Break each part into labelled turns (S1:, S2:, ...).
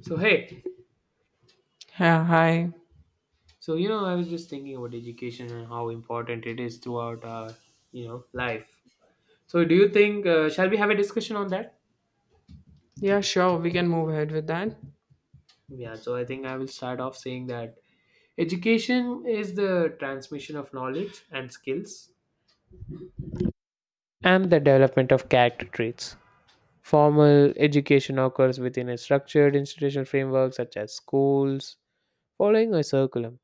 S1: So hey,
S2: Yeah, hi.
S1: so I was just thinking about education and how important it is throughout our life. So do you think shall we have a discussion on that?
S2: Yeah, sure, we can move ahead with that.
S1: Yeah. So I think I will start off saying that education is the transmission of knowledge and skills and the development of character traits. Formal education occurs within a structured institutional framework such as schools, following a curriculum.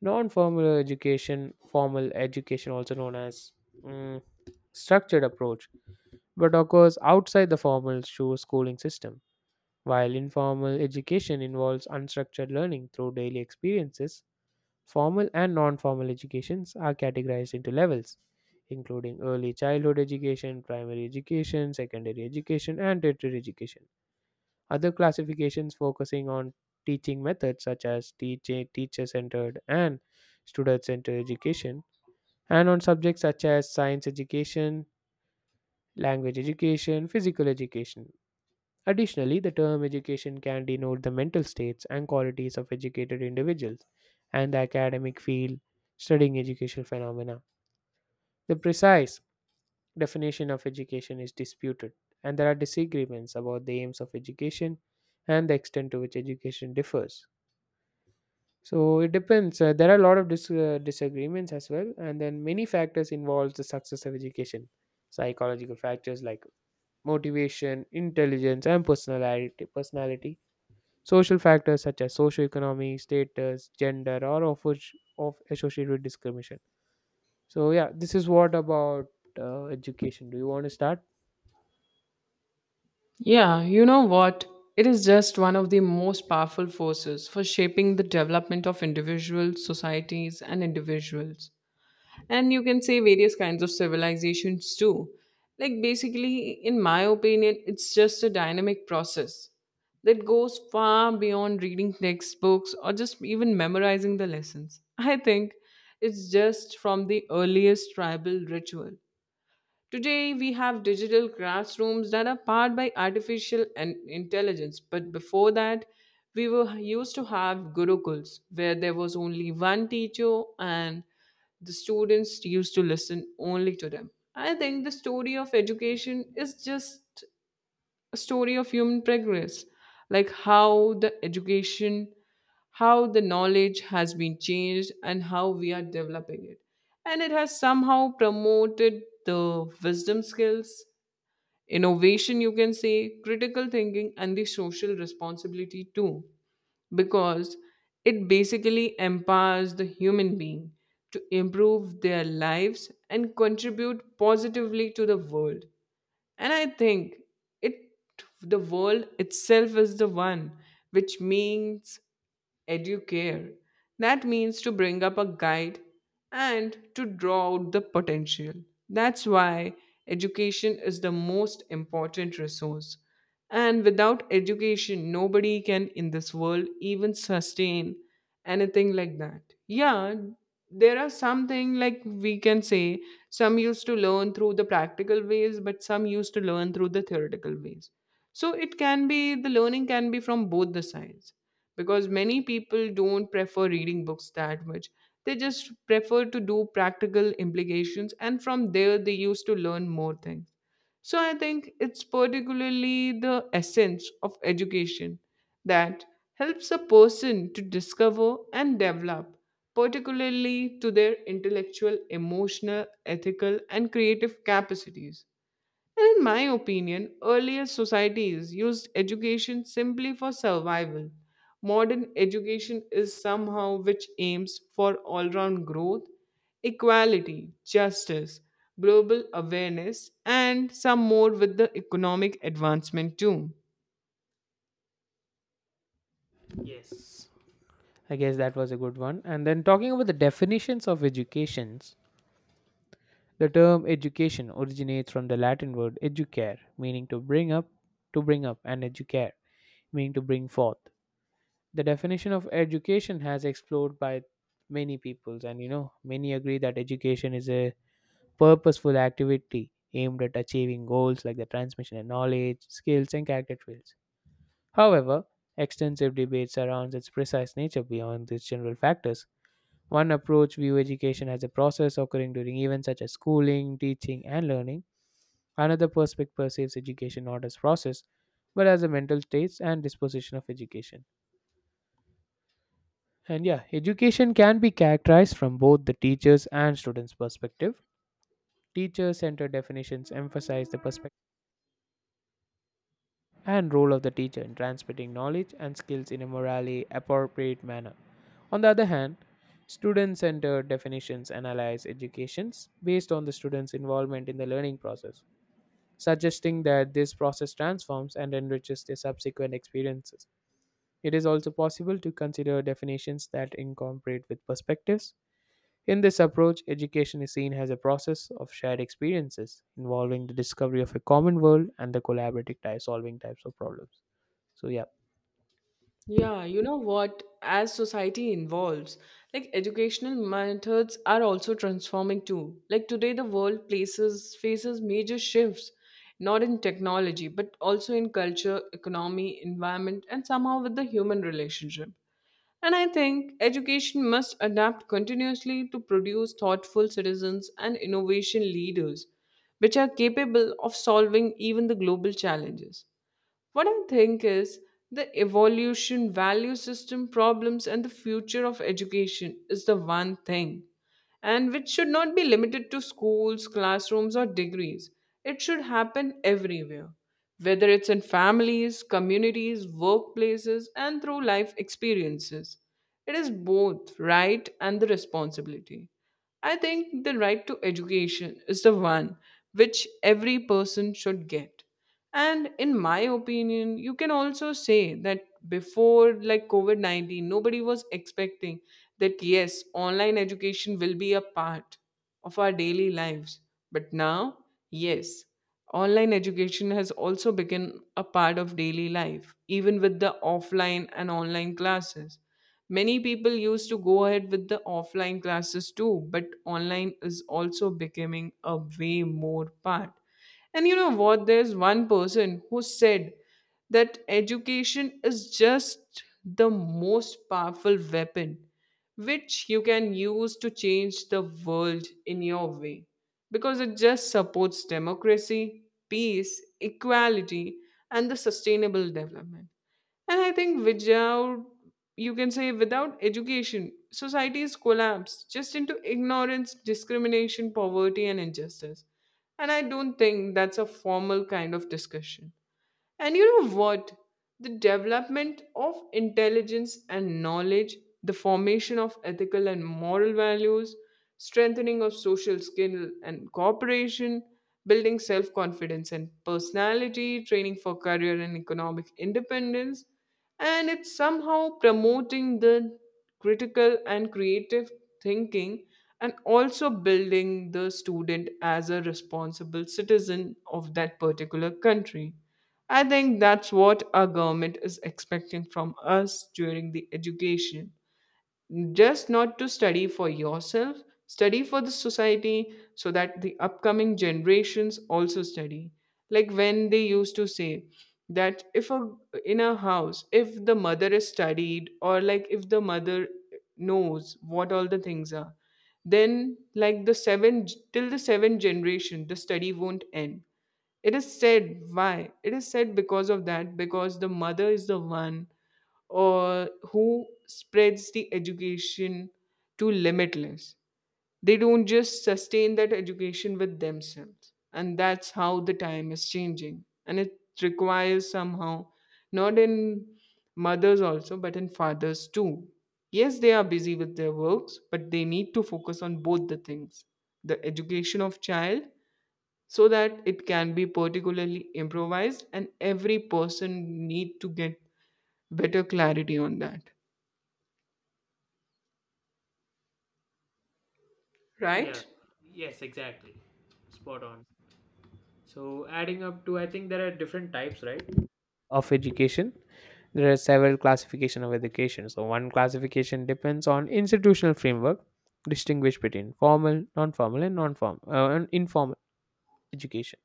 S1: Non-formal education, formal education, also known as mm, structured approach but occurs outside the formal schooling system. While informal education involves unstructured learning through daily experiences, formal and non formal educations are categorized into levels, including early childhood education, primary education, secondary education, and tertiary education. Other classifications focusing on teaching methods such as teacher centered and student centered education, and on subjects such as science education, language education, physical education. Additionally, the term education can denote the mental states and qualities of educated individuals and the academic field studying educational phenomena. The precise definition of education is disputed, and there are disagreements about the aims of education and the extent to which education differs. So it depends. There are a lot of disagreements as well, and then many factors involves the success of education. Psychological factors like motivation, intelligence, and personality. Social factors such as socioeconomy, status, gender are of which of associated with discrimination. So yeah, this is what about education. Do you want to start?
S2: Yeah, you know what? It is just one of the most powerful forces for shaping the development of individuals, societies, and individuals. And you can say various kinds of civilizations too. Like, basically, in my opinion, it's just a dynamic process that goes far beyond reading textbooks or just even memorizing the lessons. I think it's just from the earliest tribal ritual. Today, we have digital classrooms that are powered by artificial and intelligence, but before that, we were used to have gurukuls where there was only one teacher and the students used to listen only to them. I think the story of education is just a story of human progress, like how the education, how the knowledge has been changed and how we are developing it, and it has somehow promoted the wisdom skills, innovation, you can say critical thinking and the social responsibility too, because it basically empowers the human being to improve their lives and contribute positively to the world. And I think it, the world itself is the one which means educare. That means to bring up a guide and to draw out the potential. That's why education is the most important resource. And without education, nobody can in this world even sustain anything like that. Yeah, there are something like, we can say, some used to learn through the practical ways, but some used to learn through the theoretical ways. So it can be, the learning can be from both the sides, because many people don't prefer reading books that much. They just prefer to do practical implications, and from there, they used to learn more things. So I think it's particularly the essence of education that helps a person to discover and develop, particularly to their intellectual, emotional, ethical, and creative capacities. And in my opinion, earlier societies used education simply for survival. Modern education is somehow which aims for all round growth, equality, justice, global awareness, and some more with the economic advancement too.
S1: Yes. I guess that was a good one. And then talking about the definitions of educations, the term education originates from the Latin word educare, meaning to bring up, and educare, meaning to bring forth. The definition of education has explored by many peoples, and many agree that education is a purposeful activity aimed at achieving goals like the transmission of knowledge, skills, and character traits. However, extensive debate surrounds its precise nature beyond these general factors. One approach views education as a process occurring during events such as schooling, teaching, and learning. Another perspective perceives education not as process, but as the mental states and disposition of education. And yeah, education can be characterized from both the teachers and students' perspective. Teacher centered definitions emphasize the perspective and role of the teacher in transmitting knowledge and skills in a morally appropriate manner. On the other hand, student centered definitions analyze educations based on the student's involvement in the learning process, suggesting that this process transforms and enriches their subsequent experiences. It is also possible to consider definitions that incorporate with perspectives in this approach. Education is seen as a process of shared experiences involving the discovery of a common world and the collaborative type solving types of problems. So, yeah.
S2: Yeah, you know what? As society evolves, like educational methods are also transforming too. Like today, the world places faces major shifts, not in technology, but also in culture, economy, environment, and somehow with the human relationship. And I think education must adapt continuously to produce thoughtful citizens and innovation leaders, which are capable of solving even the global challenges. What I think is the evolution, value system problems, and the future of education is the one thing, and which should not be limited to schools, classrooms, or degrees. It should happen everywhere, whether it's in families, communities, workplaces, and through life experiences. It is both right and the responsibility. I think the right to education is the one which every person should get. And in my opinion, you can also say that before like COVID 19, nobody was expecting that yes, online education will be a part of our daily lives. But now, yes, online education has also become a part of daily life, even with the offline and online classes. Many people used to go ahead with the offline classes too, but online is also becoming a way more part. And you know what? There's one person who said that education is just the most powerful weapon which you can use to change the world in your way, because it just supports democracy, peace, equality, and the sustainable development. And I think without, you can say, without education, societies collapse just into ignorance, discrimination, poverty, and injustice. And I don't think that's a formal kind of discussion. And you know what? The development of intelligence and knowledge, the formation of ethical and moral values, strengthening of social skill and cooperation, building self confidence and personality, training for career and economic independence, and it's somehow promoting the critical and creative thinking, and also building the student as a responsible citizen of that particular country. I think that's what our government is expecting from us during the education. Just not to study for yourself, study for the society so that the upcoming generations also study. Like when they used to say that if a, in a house, if the mother is studied, or like if the mother knows what all the things are, then like the seven, till the seventh generation, the study won't end. It is said why? It is said because of that, because the mother is the one or who spreads the education to limitless. They don't just sustain that education with themselves. And that's how the time is changing. And it requires somehow, not in mothers also, but in fathers too. Yes, they are busy with their works, but they need to focus on both the things, the education of child, so that it can be particularly improvised and every person need to get better clarity on that,
S1: Yeah,
S2: right?
S1: yes, exactly. Spot on. So adding up to, I think there are different types, right? Of education, there are several classification of education, so one classification depends on institutional framework distinguish between formal non-formal and non-formal and informal education.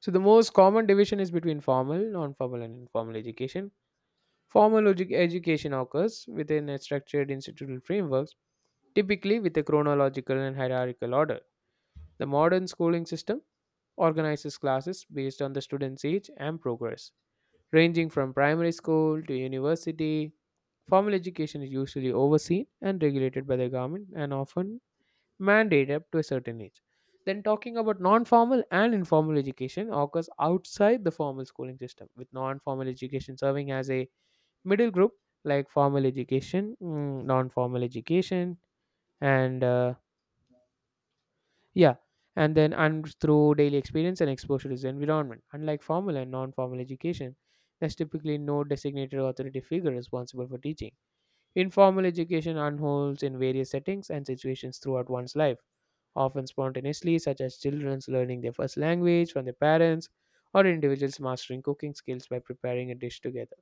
S1: So the most common division is between formal, non-formal, and informal education. Formal education occurs within a structured institutional frameworks, typically with a chronological and hierarchical order. The modern schooling system organizes classes based on the student's age and progress, ranging from primary school to university. Formal education is usually overseen and regulated by the government and often mandate up to a certain age. Then, talking about non formal and informal education occurs outside the formal schooling system, with non formal education serving as a middle group like formal education, non formal education, and yeah, and then and through daily experience and exposure to the environment. Unlike formal and non formal education, there's typically no designated authority figure responsible for teaching. Informal education unfolds in various settings and situations throughout one's life, often spontaneously, such as children's learning their first language from their parents or individuals mastering cooking skills by preparing a dish together.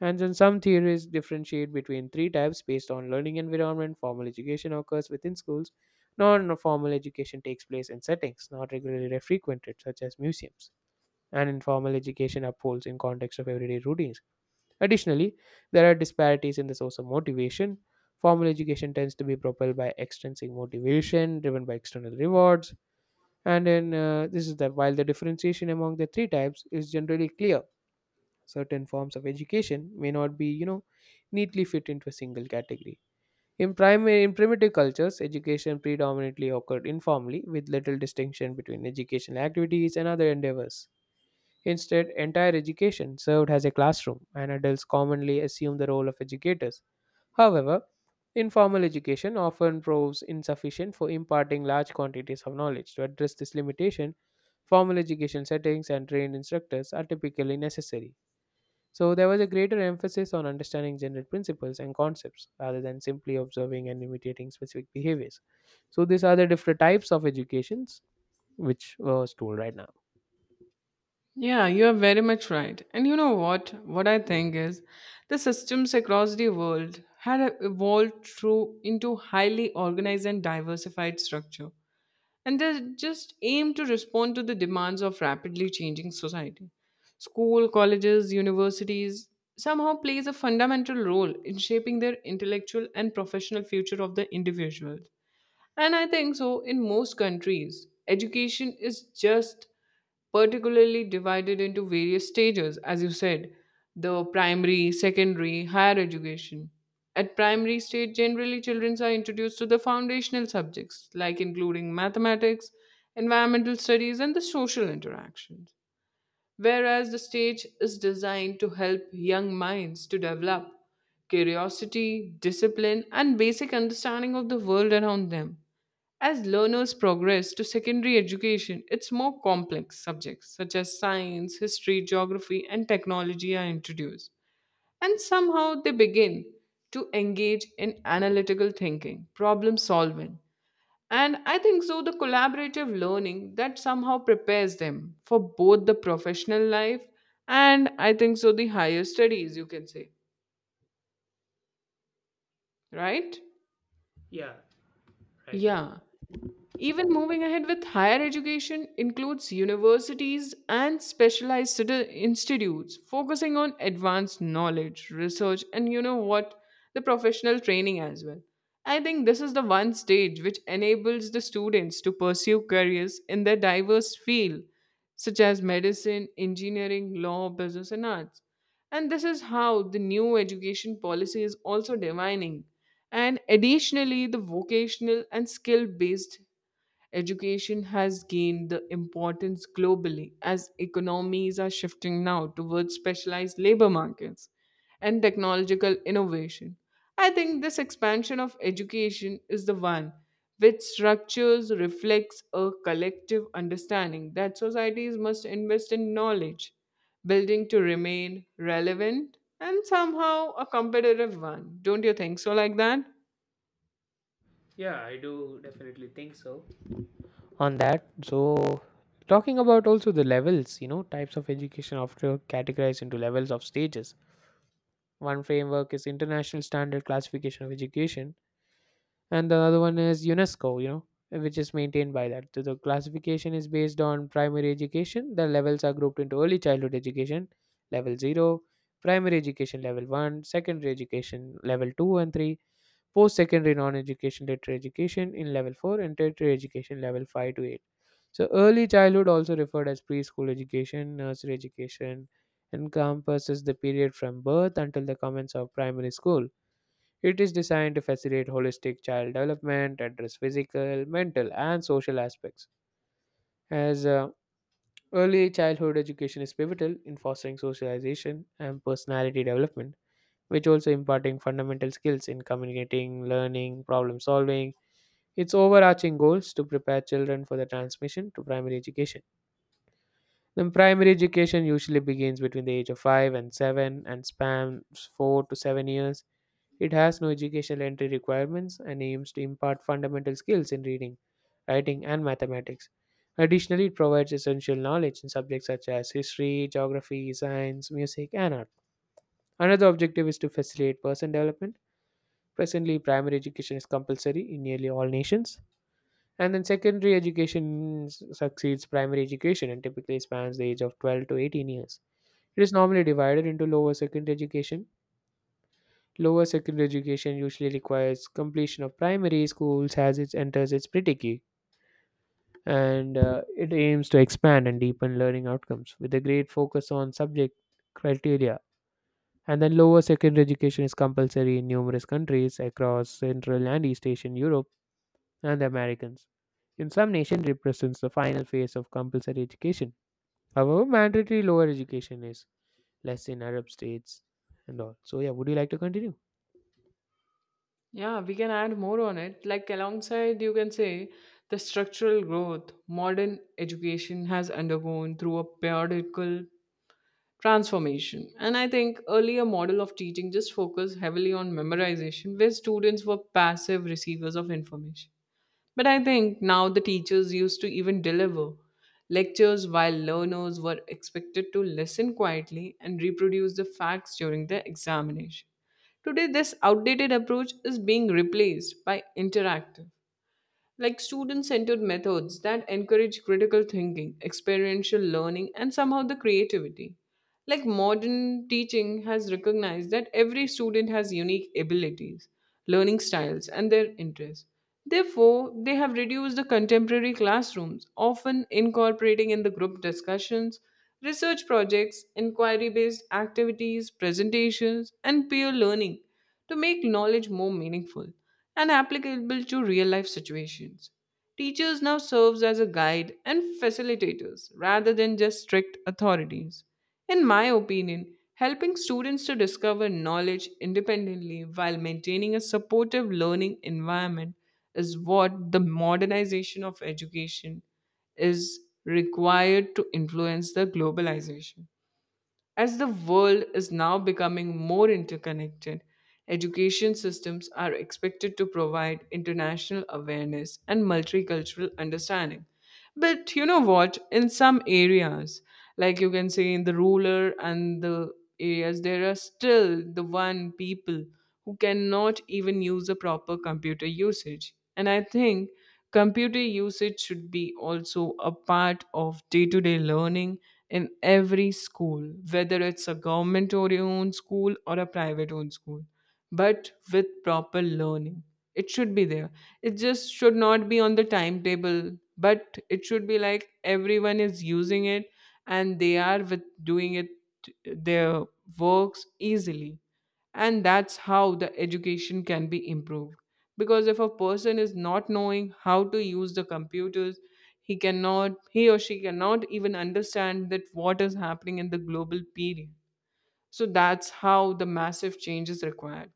S1: And then some theories differentiate between three types based on learning environment. Formal education occurs within schools. Non-formal education takes place in settings not regularly frequented, such as museums, and informal education upholds in context of everyday routines. Additionally, there are disparities in the source of motivation. Formal education tends to be propelled by extrinsic motivation, driven by external rewards, and in this is the while the differentiation among the three types is generally clear. Certain forms of education may not be, neatly fit into a single category. In primitive cultures, education predominantly occurred informally, with little distinction between educational activities and other endeavors. Instead, entire education served as a classroom, and adults commonly assume the role of educators. However, informal education often proves insufficient for imparting large quantities of knowledge. To address this limitation, formal education settings and trained instructors are typically necessary. So, there was a greater emphasis on understanding general principles and concepts rather than simply observing and imitating specific behaviors. So, these are the different types of educations which was told right now.
S2: Yeah, you are very much right. And you know what? What I think is the systems across the world had evolved through into highly organized and diversified structure, and they just aim to respond to the demands of rapidly changing society. School, colleges, universities somehow plays a fundamental role in shaping their intellectual and professional future of the individual. And I think so, in most countries, education is just particularly divided into various stages, as you said, the primary, secondary, higher education. At primary stage, generally children are introduced to the foundational subjects like including mathematics, environmental studies, and the social interactions. Whereas the stage is designed to help young minds to develop curiosity, discipline, and basic understanding of the world around them. As learners progress to secondary education, its more complex subjects such as science, history, geography, and technology are introduced. And somehow they begin to engage in analytical thinking, problem solving. And I think so, the collaborative learning that somehow prepares them for both the professional life and I think so, the higher studies, you can say, right?
S1: Yeah, right.
S2: Yeah. Even moving ahead with higher education includes universities and specialized institutes focusing on advanced knowledge, research, and you know what, the professional training as well. I think this is the one stage which enables the students to pursue careers in their diverse field such as medicine, engineering, law, business and arts. And this is how the new education policy is also defining, and additionally the vocational and skill based education has gained the importance globally as economies are shifting now towards specialized labor markets and technological innovation. I think this expansion of education is the one which structures reflects a collective understanding that societies must invest in knowledge building to remain relevant and somehow a competitive one. Don't you think so like that?
S1: Yeah, I do definitely think so. On that, so talking about also the levels, types of education after categorized into levels of stages. One framework is international standard classification of education, and the other one is UNESCO, which is maintained by that. So the classification is based on primary education. The levels are grouped into early childhood education, level zero, primary education level one, secondary education level two and three, post-secondary non-education tertiary education in level four, and tertiary education level five to eight. So early childhood also referred as preschool education, nursery education, encompasses the period from birth until the commence of primary school. It is designed to facilitate holistic child development, address physical, mental, and social aspects. As early childhood education is pivotal in fostering socialization and personality development, which also imparting fundamental skills in communicating, learning, problem solving. Its overarching goals to prepare children for the transmission to primary education. Then primary education usually begins between the age of 5 and 7 and spans 4 to 7 years. It has no educational entry requirements and aims to impart fundamental skills in reading, writing, and mathematics. Additionally, it provides essential knowledge in subjects such as history, geography, science, music, and art. Another objective is to facilitate person development. Presently, primary education is compulsory in nearly all nations. And then secondary education succeeds primary education and typically spans the age of 12 to 18 years. It is normally divided into lower secondary education. Lower secondary education usually requires completion of primary schools as it enters its predicate, and it aims to expand and deepen learning outcomes with a great focus on subject criteria. And then lower secondary education is compulsory in numerous countries across Central and East Asian Europe and the Americans. In some nations, represents the final phase of compulsory education. However, mandatory lower education is less in Arab states and all. So yeah, would you like to continue?
S2: Yeah, we can add more on it. Like alongside, you can say the structural growth, modern education has undergone through a periodical transformation. And I think earlier model of teaching just focused heavily on memorization, where students were passive receivers of information. But I think now the teachers used to even deliver lectures while learners were expected to listen quietly and reproduce the facts during the examination. Today, this outdated approach is being replaced by interactive, like student centered methods that encourage critical thinking, experiential learning, and somehow the creativity. Like modern teaching has recognized that every student has unique abilities, learning styles, and their interests. Therefore, they have reduced the contemporary classrooms, often incorporating in the group discussions, research projects, inquiry based activities, presentations, and peer learning to make knowledge more meaningful and applicable to real life situations. Teachers now serves as a guide and facilitators rather than just strict authorities. In my opinion, helping students to discover knowledge independently while maintaining a supportive learning environment is what the modernization of education is required to influence the globalization. As the world is now becoming more interconnected, education systems are expected to provide international awareness and multicultural understanding. But you know what? In some areas, like you can say in the rural and the areas, there are still the one people who cannot even use a proper computer usage. And I think computer usage should be also a part of day to day learning in every school, whether it's a government owned school or a private owned school, but with proper learning, it should be there. It just should not be on the timetable, but it should be like everyone is using it, and they are with doing it their works easily. And that's how the education can be improved, because if a person is not knowing how to use the computers, he cannot, he or she cannot even understand that what is happening in the global period. So that's how the massive change is required.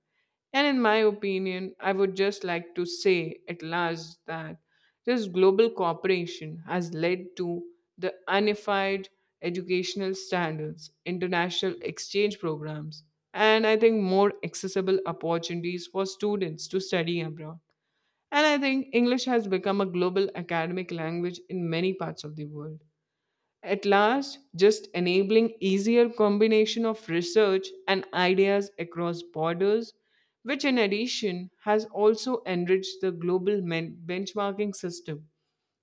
S2: And in my opinion, I would just like to say at last that this global cooperation has led to the unified educational standards, international exchange programs, and I think more accessible opportunities for students to study abroad. And I think English has become a global academic language in many parts of the world. At last, just enabling easier combination of research and ideas across borders, which in addition has also enriched the global benchmarking system,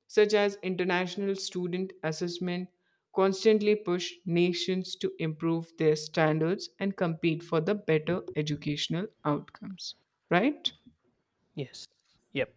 S2: such as international student assessment, constantly push nations to improve their standards and compete for the better educational outcomes. Right?
S1: Yes. Yep.